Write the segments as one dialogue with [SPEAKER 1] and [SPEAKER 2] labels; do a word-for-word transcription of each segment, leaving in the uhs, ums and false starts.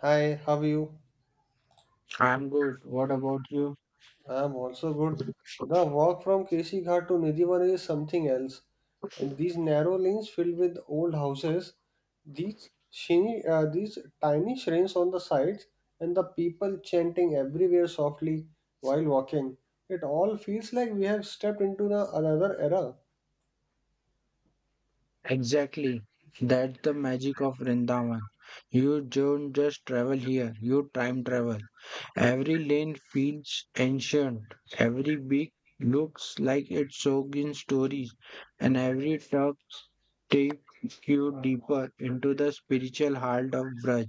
[SPEAKER 1] Hi, how are you?
[SPEAKER 2] I'm good. What about you?
[SPEAKER 1] I am also good. The walk from K C Ghat to Nidivan is something else. And these narrow lanes filled with old houses, these shiny, uh, these tiny shrines on the sides, and the people chanting everywhere softly while walking. It all feels like we have stepped into the another era.
[SPEAKER 2] Exactly. That's the magic of Vrindavan. You don't just travel here, you time travel. Every lane feels ancient. Every beach looks like it's soaked in stories, and every truck takes you deeper into the spiritual heart of Braj.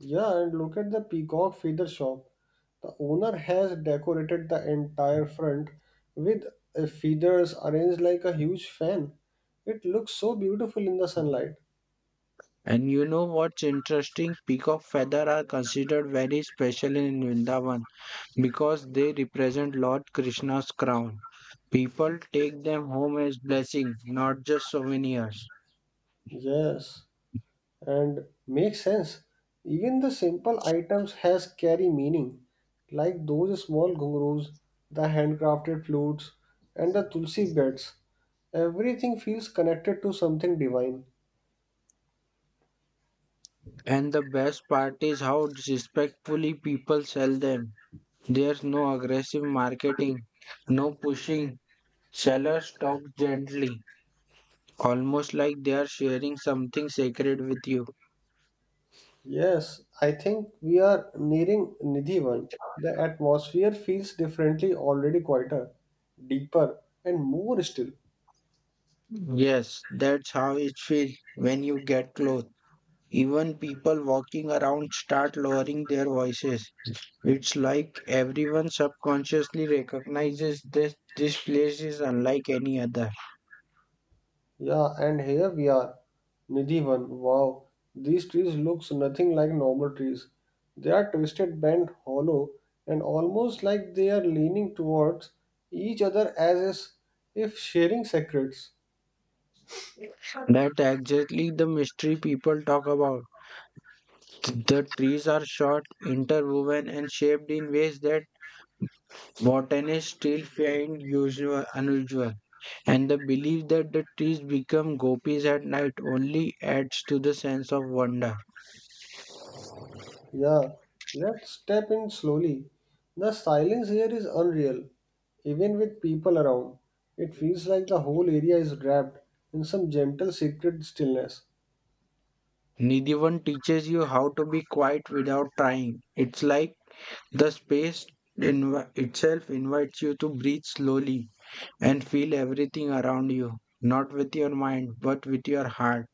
[SPEAKER 1] Yeah, and look at the peacock feather shop. The owner has decorated the entire front with uh, feathers arranged like a huge fan. It looks so beautiful in the sunlight.
[SPEAKER 2] And you know what's interesting? Peacock feather are considered very special in Vrindavan. Because they represent Lord Krishna's crown. People take them home as blessings, not just souvenirs.
[SPEAKER 1] Yes, and makes sense. Even the simple items has carry meaning, like those small ghungroos, the handcrafted flutes, and the tulsi beds. Everything feels connected to something divine.
[SPEAKER 2] And the best part is how respectfully people sell them. There's no aggressive marketing, no pushing. Sellers talk gently, almost like they are sharing something sacred with you.
[SPEAKER 1] Yes, I think we are nearing Nidhivan. The atmosphere feels differently, already quieter, deeper, and more still.
[SPEAKER 2] Yes, that's how it feels when you get close. Even people walking around start lowering their voices. It's like everyone subconsciously recognizes this. this place is unlike any other.
[SPEAKER 1] Yeah, and here we are. Nidhivan, wow. These trees looks nothing like normal trees. They are twisted, bent, hollow, and almost like they are leaning towards each other as is- if sharing secrets.
[SPEAKER 2] That exactly the mystery people talk about. The trees are short, interwoven, and shaped in ways that botanists still find usual, unusual. And the belief that the trees become gopis at night only adds to the sense of wonder.
[SPEAKER 1] Yeah, let's step in slowly. The silence here is unreal. Even with people around, it feels like the whole area is wrapped in some gentle secret stillness.
[SPEAKER 2] Nidhivan teaches you how to be quiet without trying. It's like the space inv- itself invites you to breathe slowly and feel everything around you, not with your mind, but with your heart.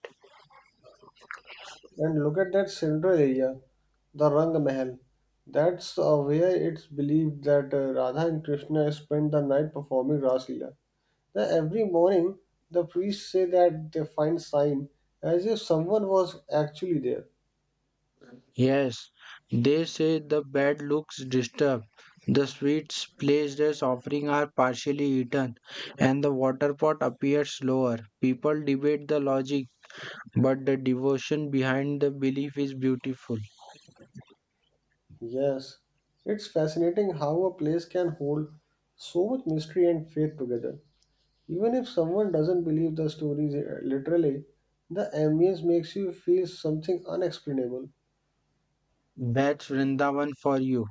[SPEAKER 1] And look at that central area, the Rang Mahal. That's uh, where it's believed that uh, Radha and Krishna spent the night performing Ras Leela. Now, every morning, the priests say that they find sign as if someone was actually there.
[SPEAKER 2] Yes, they say the bed looks disturbed. The sweets placed as offering are partially eaten, and the water pot appears lower. People debate the logic, but the devotion behind the belief is beautiful.
[SPEAKER 1] Yes, it's fascinating how a place can hold so much mystery and faith together. Even if someone doesn't believe the stories uh, literally, the ambience makes you feel something unexplainable.
[SPEAKER 2] That's Vrindavan for you.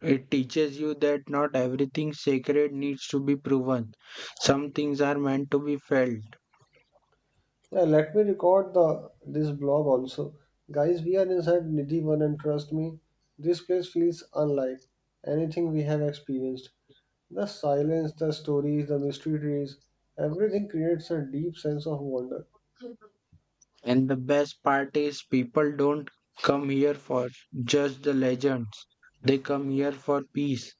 [SPEAKER 2] It teaches you that not everything sacred needs to be proven. Some things are meant to be felt.
[SPEAKER 1] Yeah, let me record the this blog also. Guys, we are inside Nidhivan and trust me, this place feels unlike anything we have experienced. The silence, the stories, the mystery trees, everything creates a deep sense of wonder.
[SPEAKER 2] And the best part is, people don't come here for just the legends, they come here for peace.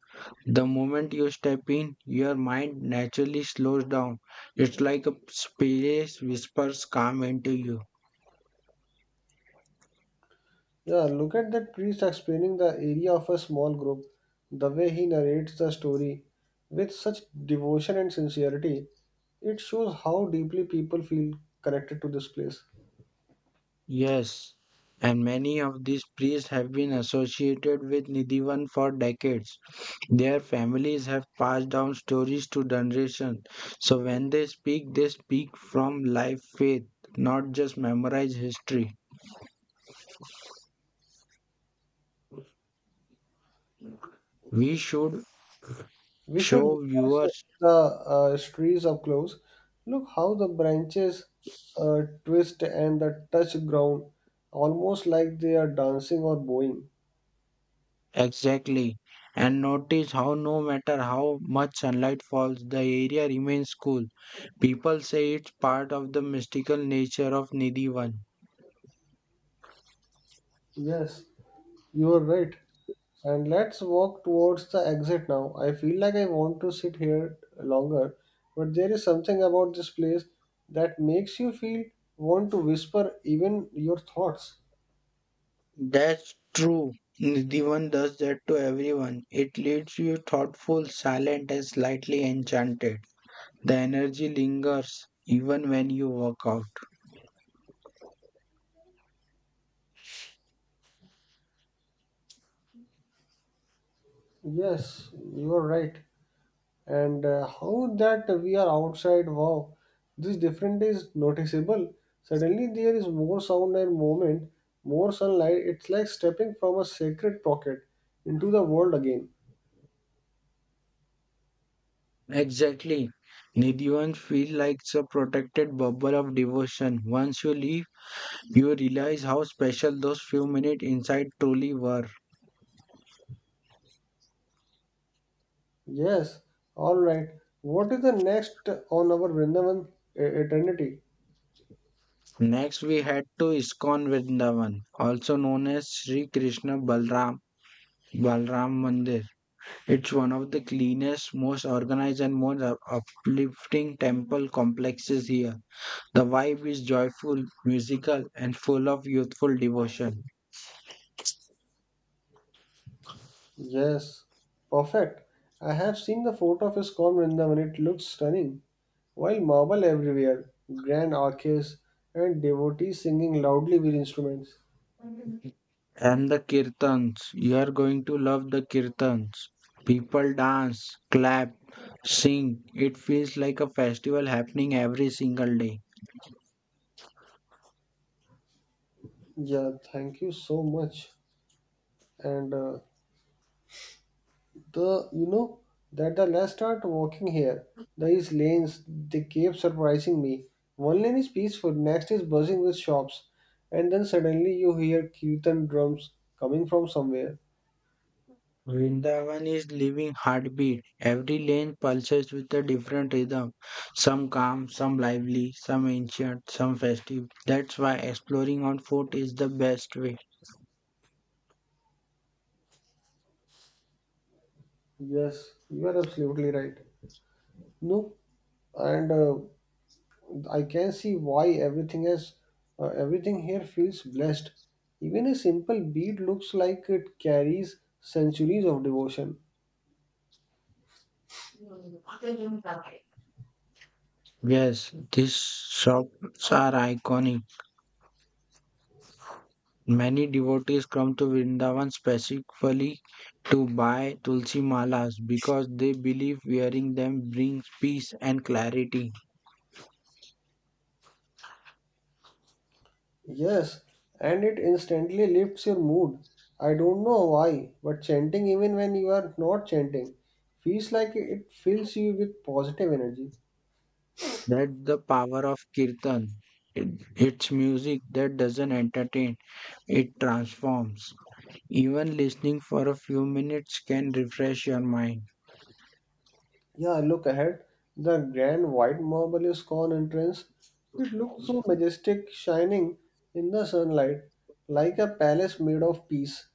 [SPEAKER 2] The moment you step in, your mind naturally slows down. It's like a space whispers calm into you.
[SPEAKER 1] Yeah, look at that priest explaining the area of a small group, the way he narrates the story with such devotion and sincerity. It shows how deeply people feel connected to this place.
[SPEAKER 2] Yes, and many of these priests have been associated with Nidivan for decades. Their families have passed down stories to generations. So when they speak, they speak from life faith, not just memorized history. We should
[SPEAKER 1] We should
[SPEAKER 2] show
[SPEAKER 1] witness
[SPEAKER 2] viewers
[SPEAKER 1] the uh, trees up close. Look how the branches uh, twist and the touch ground, almost like they are dancing or bowing.
[SPEAKER 2] exactly, and notice how no matter how much sunlight falls, the area remains cool. People say it's part of the mystical nature of Nidivan.
[SPEAKER 1] Yes, you are right. And let's walk towards the exit now. I feel like I want to sit here longer, but there is something about this place that makes you feel want to whisper even your thoughts.
[SPEAKER 2] That's true. Nidivan does that to everyone. It leaves you thoughtful, silent, and slightly enchanted. The energy lingers even when you walk out.
[SPEAKER 1] Yes, you are right. And uh, how that we are outside, wow, this difference is noticeable. Suddenly there is more sound and movement, more sunlight. It's like stepping from a sacred pocket into the world again.
[SPEAKER 2] Exactly. Nidivan feels like a protected bubble of devotion. Once you leave, you realize how special those few minutes inside truly were.
[SPEAKER 1] Yes, all right. What is the next on our Vrindavan e- eternity?
[SPEAKER 2] Next, we head to Iskon Vrindavan, also known as Sri Krishna Balram, Balram Mandir. It's one of the cleanest, most organized, and most up- uplifting temple complexes here. The vibe is joyful, musical, and full of youthful devotion.
[SPEAKER 1] Yes, perfect. I have seen the photo of ISKCON Vrindavan. It looks stunning. While marble everywhere, grand arches, and devotees singing loudly with instruments.
[SPEAKER 2] And the kirtans, you are going to love the kirtans. People dance, clap, sing. It feels like a festival happening every single day.
[SPEAKER 1] Yeah, thank you so much. And uh, the you know that the last start walking here, these lanes, they keep surprising me. One lane is peaceful, next is buzzing with shops, and then suddenly you hear kirtan drums coming from somewhere.
[SPEAKER 2] Vrindavan is living heartbeat. Every lane pulses with a different rhythm. Some calm, some lively, some ancient, some festive. That's why exploring on foot is the best way.
[SPEAKER 1] Yes, you are absolutely right. No, and uh, I can see why everything has uh, everything here feels blessed. Even a simple bead looks like it carries centuries of devotion.
[SPEAKER 2] Yes, these shops are iconic. Many devotees come to Vrindavan specifically to buy tulsi malas because they believe wearing them brings peace and clarity.
[SPEAKER 1] Yes, and it instantly lifts your mood. I don't know why, but chanting, even when you are not chanting, feels like it fills you with positive energy.
[SPEAKER 2] That's the power of kirtan. It- It's music that doesn't entertain. It transforms. Even listening for a few minutes can refresh your mind.
[SPEAKER 1] Yeah, look ahead. The grand white marble ISKCON entrance. It looks so majestic, shining in the sunlight, like a palace made of peace.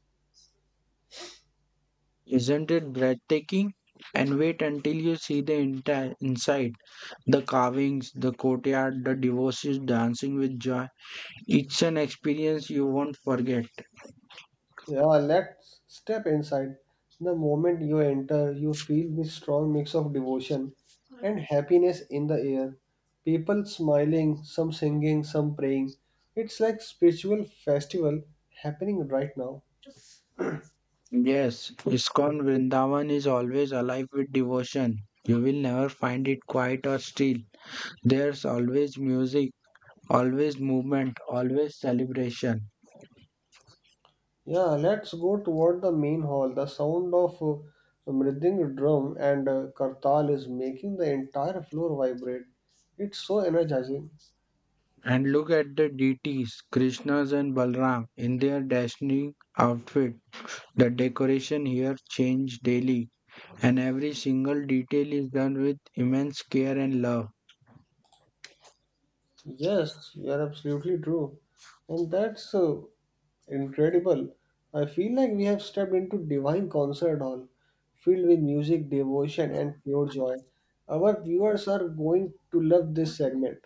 [SPEAKER 2] Isn't it breathtaking? And wait until you see the entire inside, the carvings, the courtyard, the devotees dancing with joy. It's an experience you won't forget.
[SPEAKER 1] Yeah, let's step inside. The moment you enter, you feel this strong mix of devotion and happiness in the air. People smiling, some singing, some praying. It's like spiritual festival happening right now.
[SPEAKER 2] Yes, Iskon Vrindavan is always alive with devotion. You will never find it quiet or still. There's always music, always movement, always celebration.
[SPEAKER 1] Yeah, let's go toward the main hall. The sound of uh, mriding drum and uh, kartal is making the entire floor vibrate. It's so energizing.
[SPEAKER 2] And look at the deities, Krishnas and Balram, in their dashing outfit. The decoration here changes daily, and every single detail is done with immense care and love.
[SPEAKER 1] Yes, you're absolutely true. And that's uh, incredible. I feel like we have stepped into divine concert hall, filled with music, devotion, and pure joy. Our viewers are going to love this segment.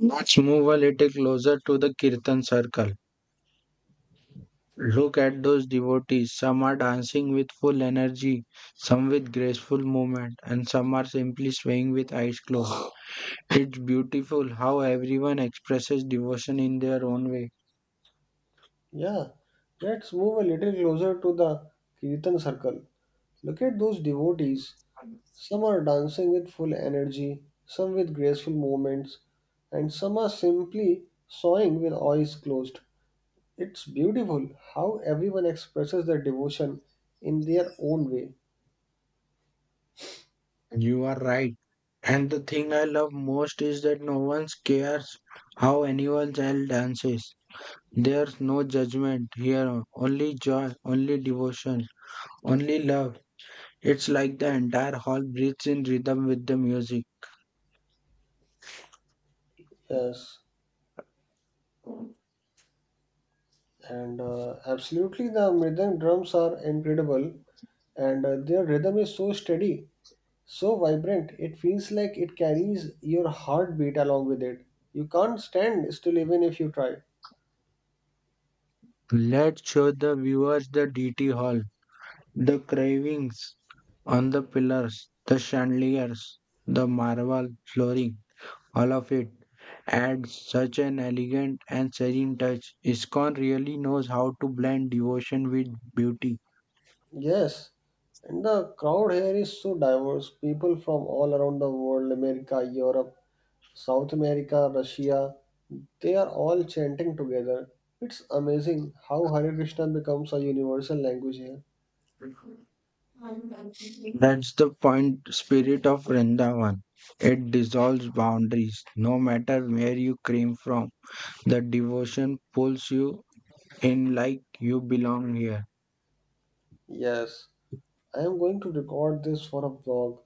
[SPEAKER 2] Let's move a little closer to the Kirtan circle. Look at those devotees. Some are dancing with full energy, some with graceful movement, and some are simply swaying with eyes closed. It's beautiful how everyone expresses devotion in their own way.
[SPEAKER 1] Yeah, let's move a little closer to the Kirtan circle. Look at those devotees. Some are dancing with full energy, some with graceful movements, and some are simply sawing with eyes closed. It's beautiful how everyone expresses their devotion in their own way.
[SPEAKER 2] You are right. And the thing I love most is that no one cares how anyone else dances. There's no judgment here, only joy, only devotion, only love. It's like the entire hall breathes in rhythm with the music.
[SPEAKER 1] Yes, and uh, absolutely, the rhythm drums are incredible, and uh, their rhythm is so steady, so vibrant. It feels like it carries your heartbeat along with it. You can't stand still even if you try.
[SPEAKER 2] Let's show the viewers the D T hall, the carvings on the pillars, the chandeliers, the marble flooring. All of it adds such an elegant and serene touch. ISKCON really knows how to blend devotion with beauty.
[SPEAKER 1] Yes, and the crowd here is so diverse. People from all around the world, America, Europe, South America, Russia, they are all chanting together. It's amazing how Hare Krishna becomes a universal language here.
[SPEAKER 2] That's the point spirit of Vrindavan. It dissolves boundaries, no matter where you came from. The devotion pulls you in like you belong here.
[SPEAKER 1] Yes, I am going to record this for a vlog.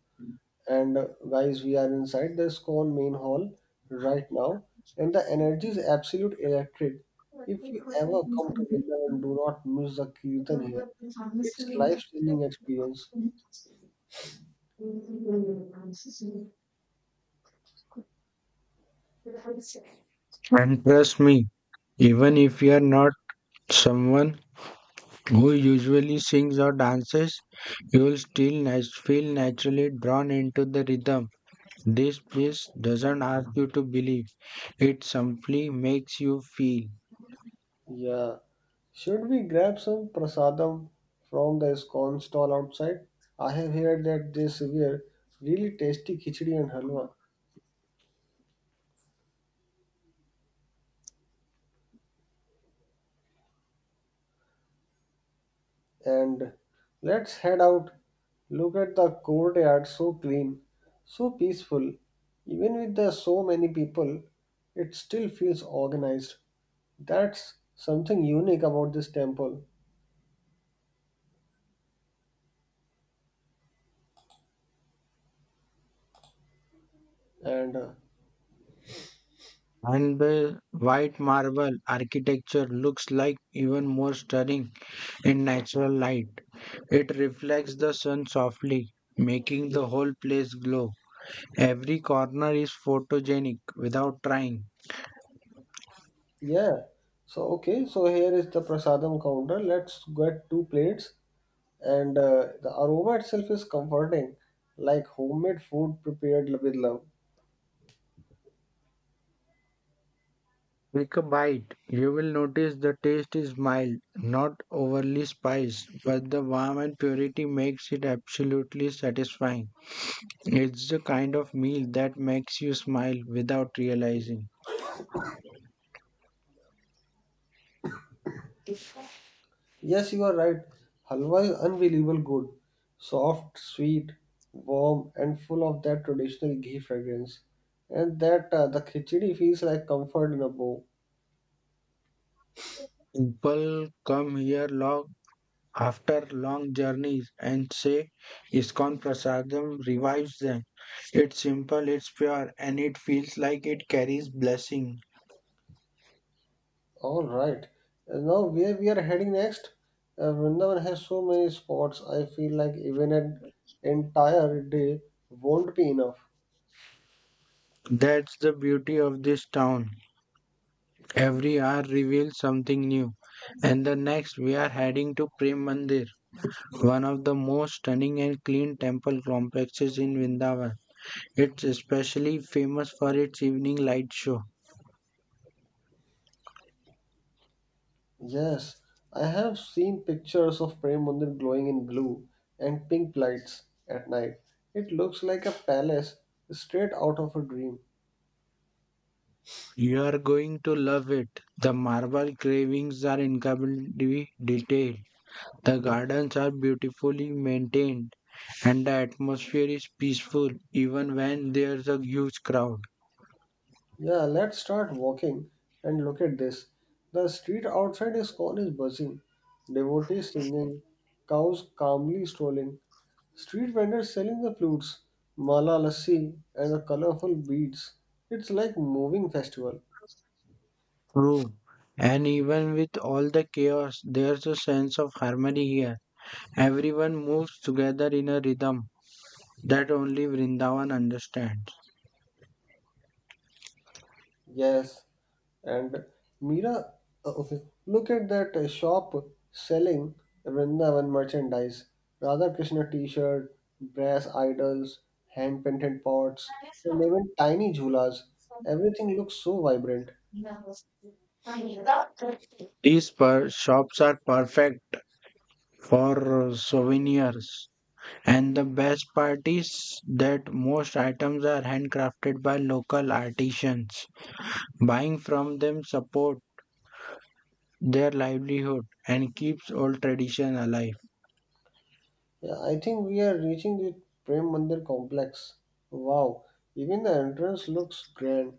[SPEAKER 1] And uh, guys, we are inside the ISKCON main hall right now, and the energy is absolute electric. If you ever come to Vrindavan, do not miss the kirtan here. It's life-changing experience.
[SPEAKER 2] And trust me, even if you are not someone who usually sings or dances, you will still nat- feel naturally drawn into the rhythm. This place doesn't ask you to believe, it simply makes you feel.
[SPEAKER 1] Yeah. Should we grab some prasadam from the ISKCON stall outside? I have heard that they serve really tasty khichdi and halwa. And let's head out. Look at the courtyard, so clean, so peaceful. Even with the so many people, it still feels organized. That's something unique about this temple. And uh,
[SPEAKER 2] And the white marble architecture looks like even more stunning in natural light. It reflects the sun softly, making the whole place glow. Every corner is photogenic without trying.
[SPEAKER 1] yeah, so okay, so here is the prasadam counter. Let's get two plates and uh, the aroma itself is comforting, like homemade food prepared with love.
[SPEAKER 2] Take a bite. You will notice the taste is mild, not overly spiced, but the warmth and purity makes it absolutely satisfying. It's the kind of meal that makes you smile without realizing.
[SPEAKER 1] Yes, you are right. Halwa is unbelievable good, soft, sweet, warm, and full of that traditional ghee fragrance. And that uh, the khichdi feels like comfort in a bowl.
[SPEAKER 2] People come here long after long journeys and say Iskon Prasadam revives them. It's simple, it's pure, and it feels like it carries blessing.
[SPEAKER 1] All right. And now where we are heading next? Uh, Vrindavan has so many spots. I feel like even an entire day won't be enough.
[SPEAKER 2] That's the beauty of this town. Every hour reveals something new. And the next, we are heading to Prem Mandir, one of the most stunning and clean temple complexes in Vrindavan. It's especially famous for its evening light show.
[SPEAKER 1] Yes, I have seen pictures of Prem Mandir glowing in blue and pink lights at night. It looks like a palace straight out of a dream.
[SPEAKER 2] You are going to love it. The marble carvings are incredibly detailed. The gardens are beautifully maintained, and the atmosphere is peaceful even when there's a huge crowd.
[SPEAKER 1] Yeah, let's start walking and look at this. The street outside his con is buzzing, devotees singing, cows calmly strolling, street vendors selling the flutes, mala lassi, and the colorful beads. It's like moving festival.
[SPEAKER 2] True. And even with all the chaos, there's a sense of harmony here. Everyone moves together in a rhythm that only Vrindavan understands.
[SPEAKER 1] Yes, and Mira, uh, okay, look at that uh, shop selling Vrindavan merchandise, Radha Krishna t shirt, brass idols, hand painted pots, and even tiny jhulas. Everything looks so vibrant.
[SPEAKER 2] These per- shops are perfect for souvenirs. And the best part is that most items are handcrafted by local artisans. Buying from them support their livelihood and keeps old tradition alive.
[SPEAKER 1] Yeah, I think we are reaching the Prem Mandir complex. Wow, even the entrance looks grand.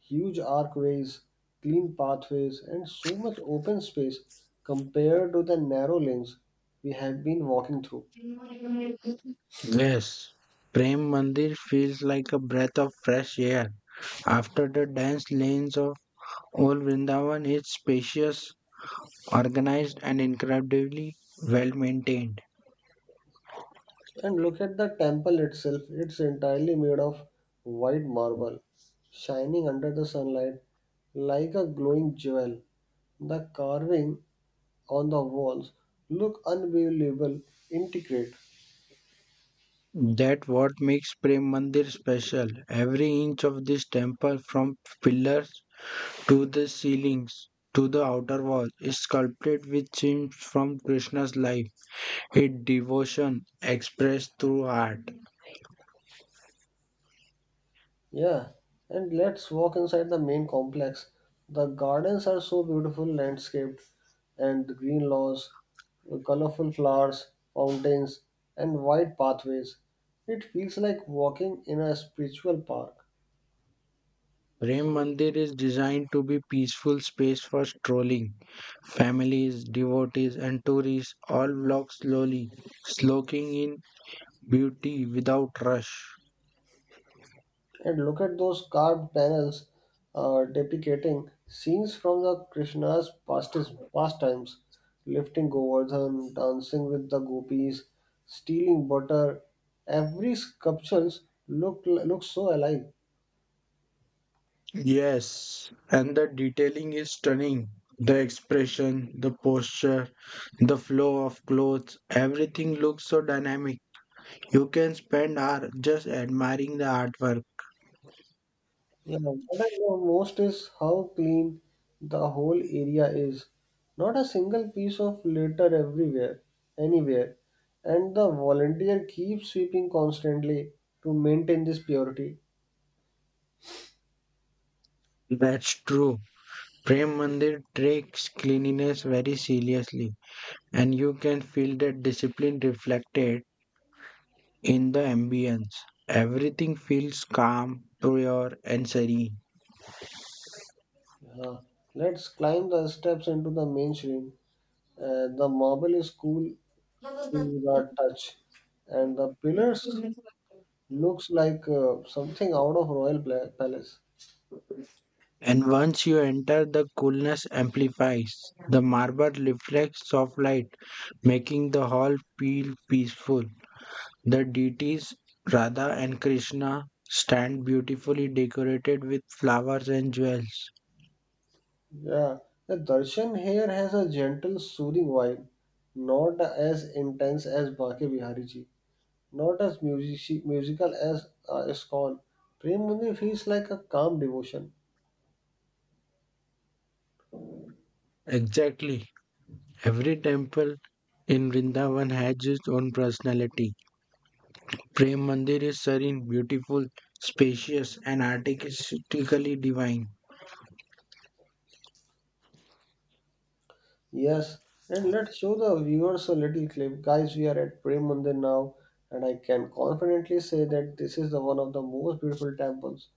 [SPEAKER 1] Huge archways, clean pathways, and so much open space compared to the narrow lanes we have been walking through.
[SPEAKER 2] Yes, Prem Mandir feels like a breath of fresh air. After the dense lanes of old Vrindavan, it's spacious, organized, and incredibly well maintained.
[SPEAKER 1] And look at the temple itself, it's entirely made of white marble, shining under the sunlight like a glowing jewel. The carving on the walls look unbelievable, intricate.
[SPEAKER 2] That what makes Prem Mandir special. Every inch of this temple, from pillars to the ceilings to the outer wall, is sculpted with scenes from Krishna's life, his devotion expressed through art.
[SPEAKER 1] Yeah, and let's walk inside the main complex. The gardens are so beautiful landscaped and the green lawns, colorful flowers, fountains, and wide pathways. It feels like walking in a spiritual park.
[SPEAKER 2] Prem Mandir is designed to be peaceful space for strolling. Families, devotees, and tourists all walk slowly, soaking in beauty without rush.
[SPEAKER 1] And look at those carved panels uh, depicting scenes from the Krishna's pastis- pastimes, lifting Govardhan, dancing with the gopis, stealing butter. Every sculpture look looks so alive.
[SPEAKER 2] Yes, and the detailing is stunning. The expression, the posture, the flow of clothes, everything looks so dynamic. You can spend hours just admiring the artwork.
[SPEAKER 1] Yeah, what I love most is how clean the whole area is. Not a single piece of litter everywhere, anywhere. And the volunteer keeps sweeping constantly to maintain this purity.
[SPEAKER 2] That's true. Prem Mandir takes cleanliness very seriously, and you can feel that discipline reflected in the ambience. Everything feels calm, pure, and serene.
[SPEAKER 1] Yeah, let's climb the steps into the mainstream. Uh, the marble is cool to the touch, and the pillars looks like uh, something out of royal pla- palace.
[SPEAKER 2] And once you enter the coolness amplifies. The marble reflects soft light, making the hall feel peaceful. The deities Radha and Krishna stand beautifully decorated with flowers and jewels.
[SPEAKER 1] Yeah, the darshan here has a gentle, soothing vibe, not as intense as Baki Bihari ji, not as music- musical as uh, Iskon. Prem Mandir feels like a calm devotion.
[SPEAKER 2] Exactly. Every temple in Vrindavan has its own personality. Prem Mandir is serene, beautiful, spacious, and artistically divine.
[SPEAKER 1] Yes, and let's show the viewers a little clip. Guys, we are at Prem Mandir now, and I can confidently say that this is the one of the most beautiful temples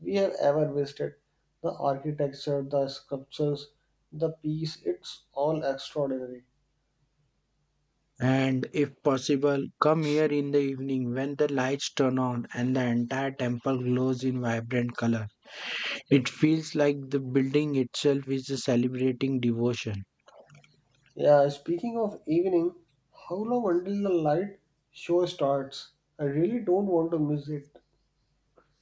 [SPEAKER 1] we have ever visited. The architecture, the sculptures, the peace, it's all extraordinary.
[SPEAKER 2] And if possible, come here in the evening when the lights turn on and the entire temple glows in vibrant color. It feels like the building itself is celebrating devotion.
[SPEAKER 1] Yeah, speaking of evening, how long until the light show starts? I really don't want to miss it.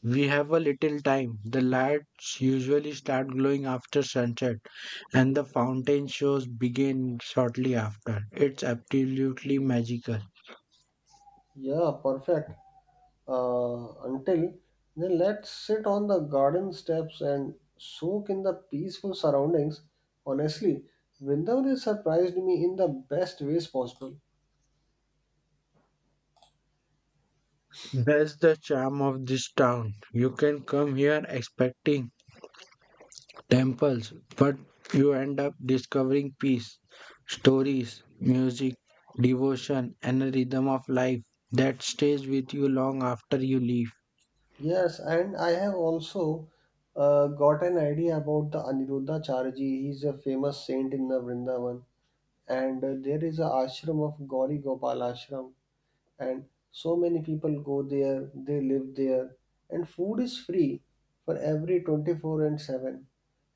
[SPEAKER 2] We have a little time. The lights usually start glowing after sunset, and the fountain shows begin shortly after. It's absolutely magical.
[SPEAKER 1] Yeah, perfect. Uh, until then let us sit on the garden steps and soak in the peaceful surroundings. Honestly, Vrindavan has surprised me in the best ways possible.
[SPEAKER 2] That's the charm of this town. You can come here expecting temples, but you end up discovering peace, stories, music, devotion, and a rhythm of life that stays with you long after you leave.
[SPEAKER 1] Yes, and I have also uh, got an idea about the Aniruddha Charaji. He's a famous saint in the Vrindavan, and uh, there is a ashram of Gauri Gopal Ashram and so many people go there, they live there, and food is free for every twenty four and seven.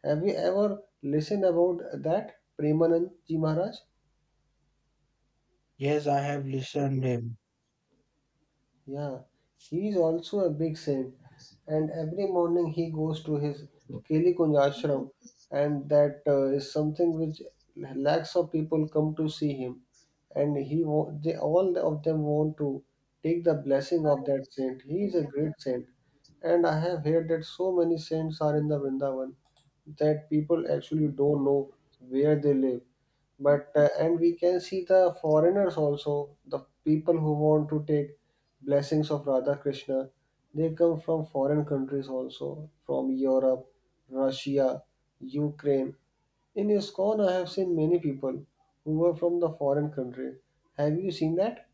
[SPEAKER 1] Have you ever listened about that Premanand Ji Maharaj?
[SPEAKER 2] Yes, I have listened him.
[SPEAKER 1] Yeah, he is also a big saint, and every morning he goes to his Kelikunj ashram, and that uh, is something which lakhs of people come to see him, and he wa- they all of them want to take the blessing of that saint. He is a great saint, and I have heard that so many saints are in the Vrindavan that people actually don't know where they live but uh, and we can see the foreigners also, the people who want to take blessings of Radha Krishna, they come from foreign countries also, from Europe, Russia, Ukraine. In ISKCON, I have seen many people who were from the foreign country. Have you seen that?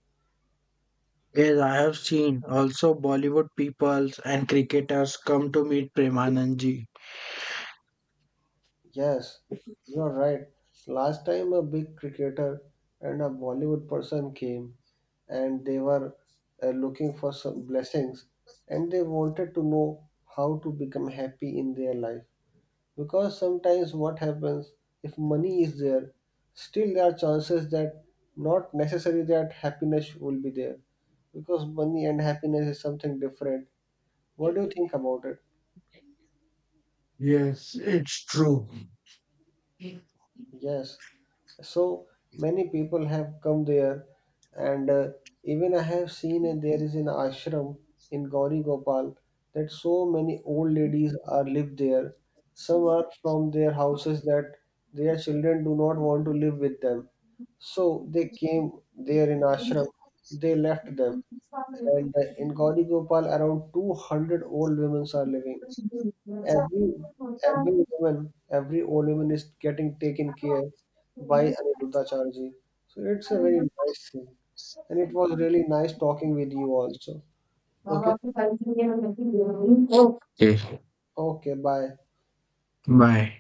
[SPEAKER 2] Yes, I have seen also Bollywood peoples and cricketers come to meet Premanandji.
[SPEAKER 1] Yes, you are right. Last time, a big cricketer and a Bollywood person came and they were uh, looking for some blessings and they wanted to know how to become happy in their life, because sometimes what happens, if money is there, still there are chances that not necessary that happiness will be there, because money and happiness is something different. What do you think about it?
[SPEAKER 2] Yes, it's true.
[SPEAKER 1] Yes, so many people have come there, and uh, even I have seen, uh, there is an ashram in Gauri Gopal that so many old ladies are live there, some are from their houses that their children do not want to live with them, so they came there in ashram, they left them, and uh, in Gauri Gopal around two hundred old women are living. Every every woman, every old woman is getting taken care by Aniruddha Charji. So it's a very nice thing. And it was really nice talking with you also. Okay.
[SPEAKER 2] Yes.
[SPEAKER 1] Okay, bye.
[SPEAKER 2] Bye.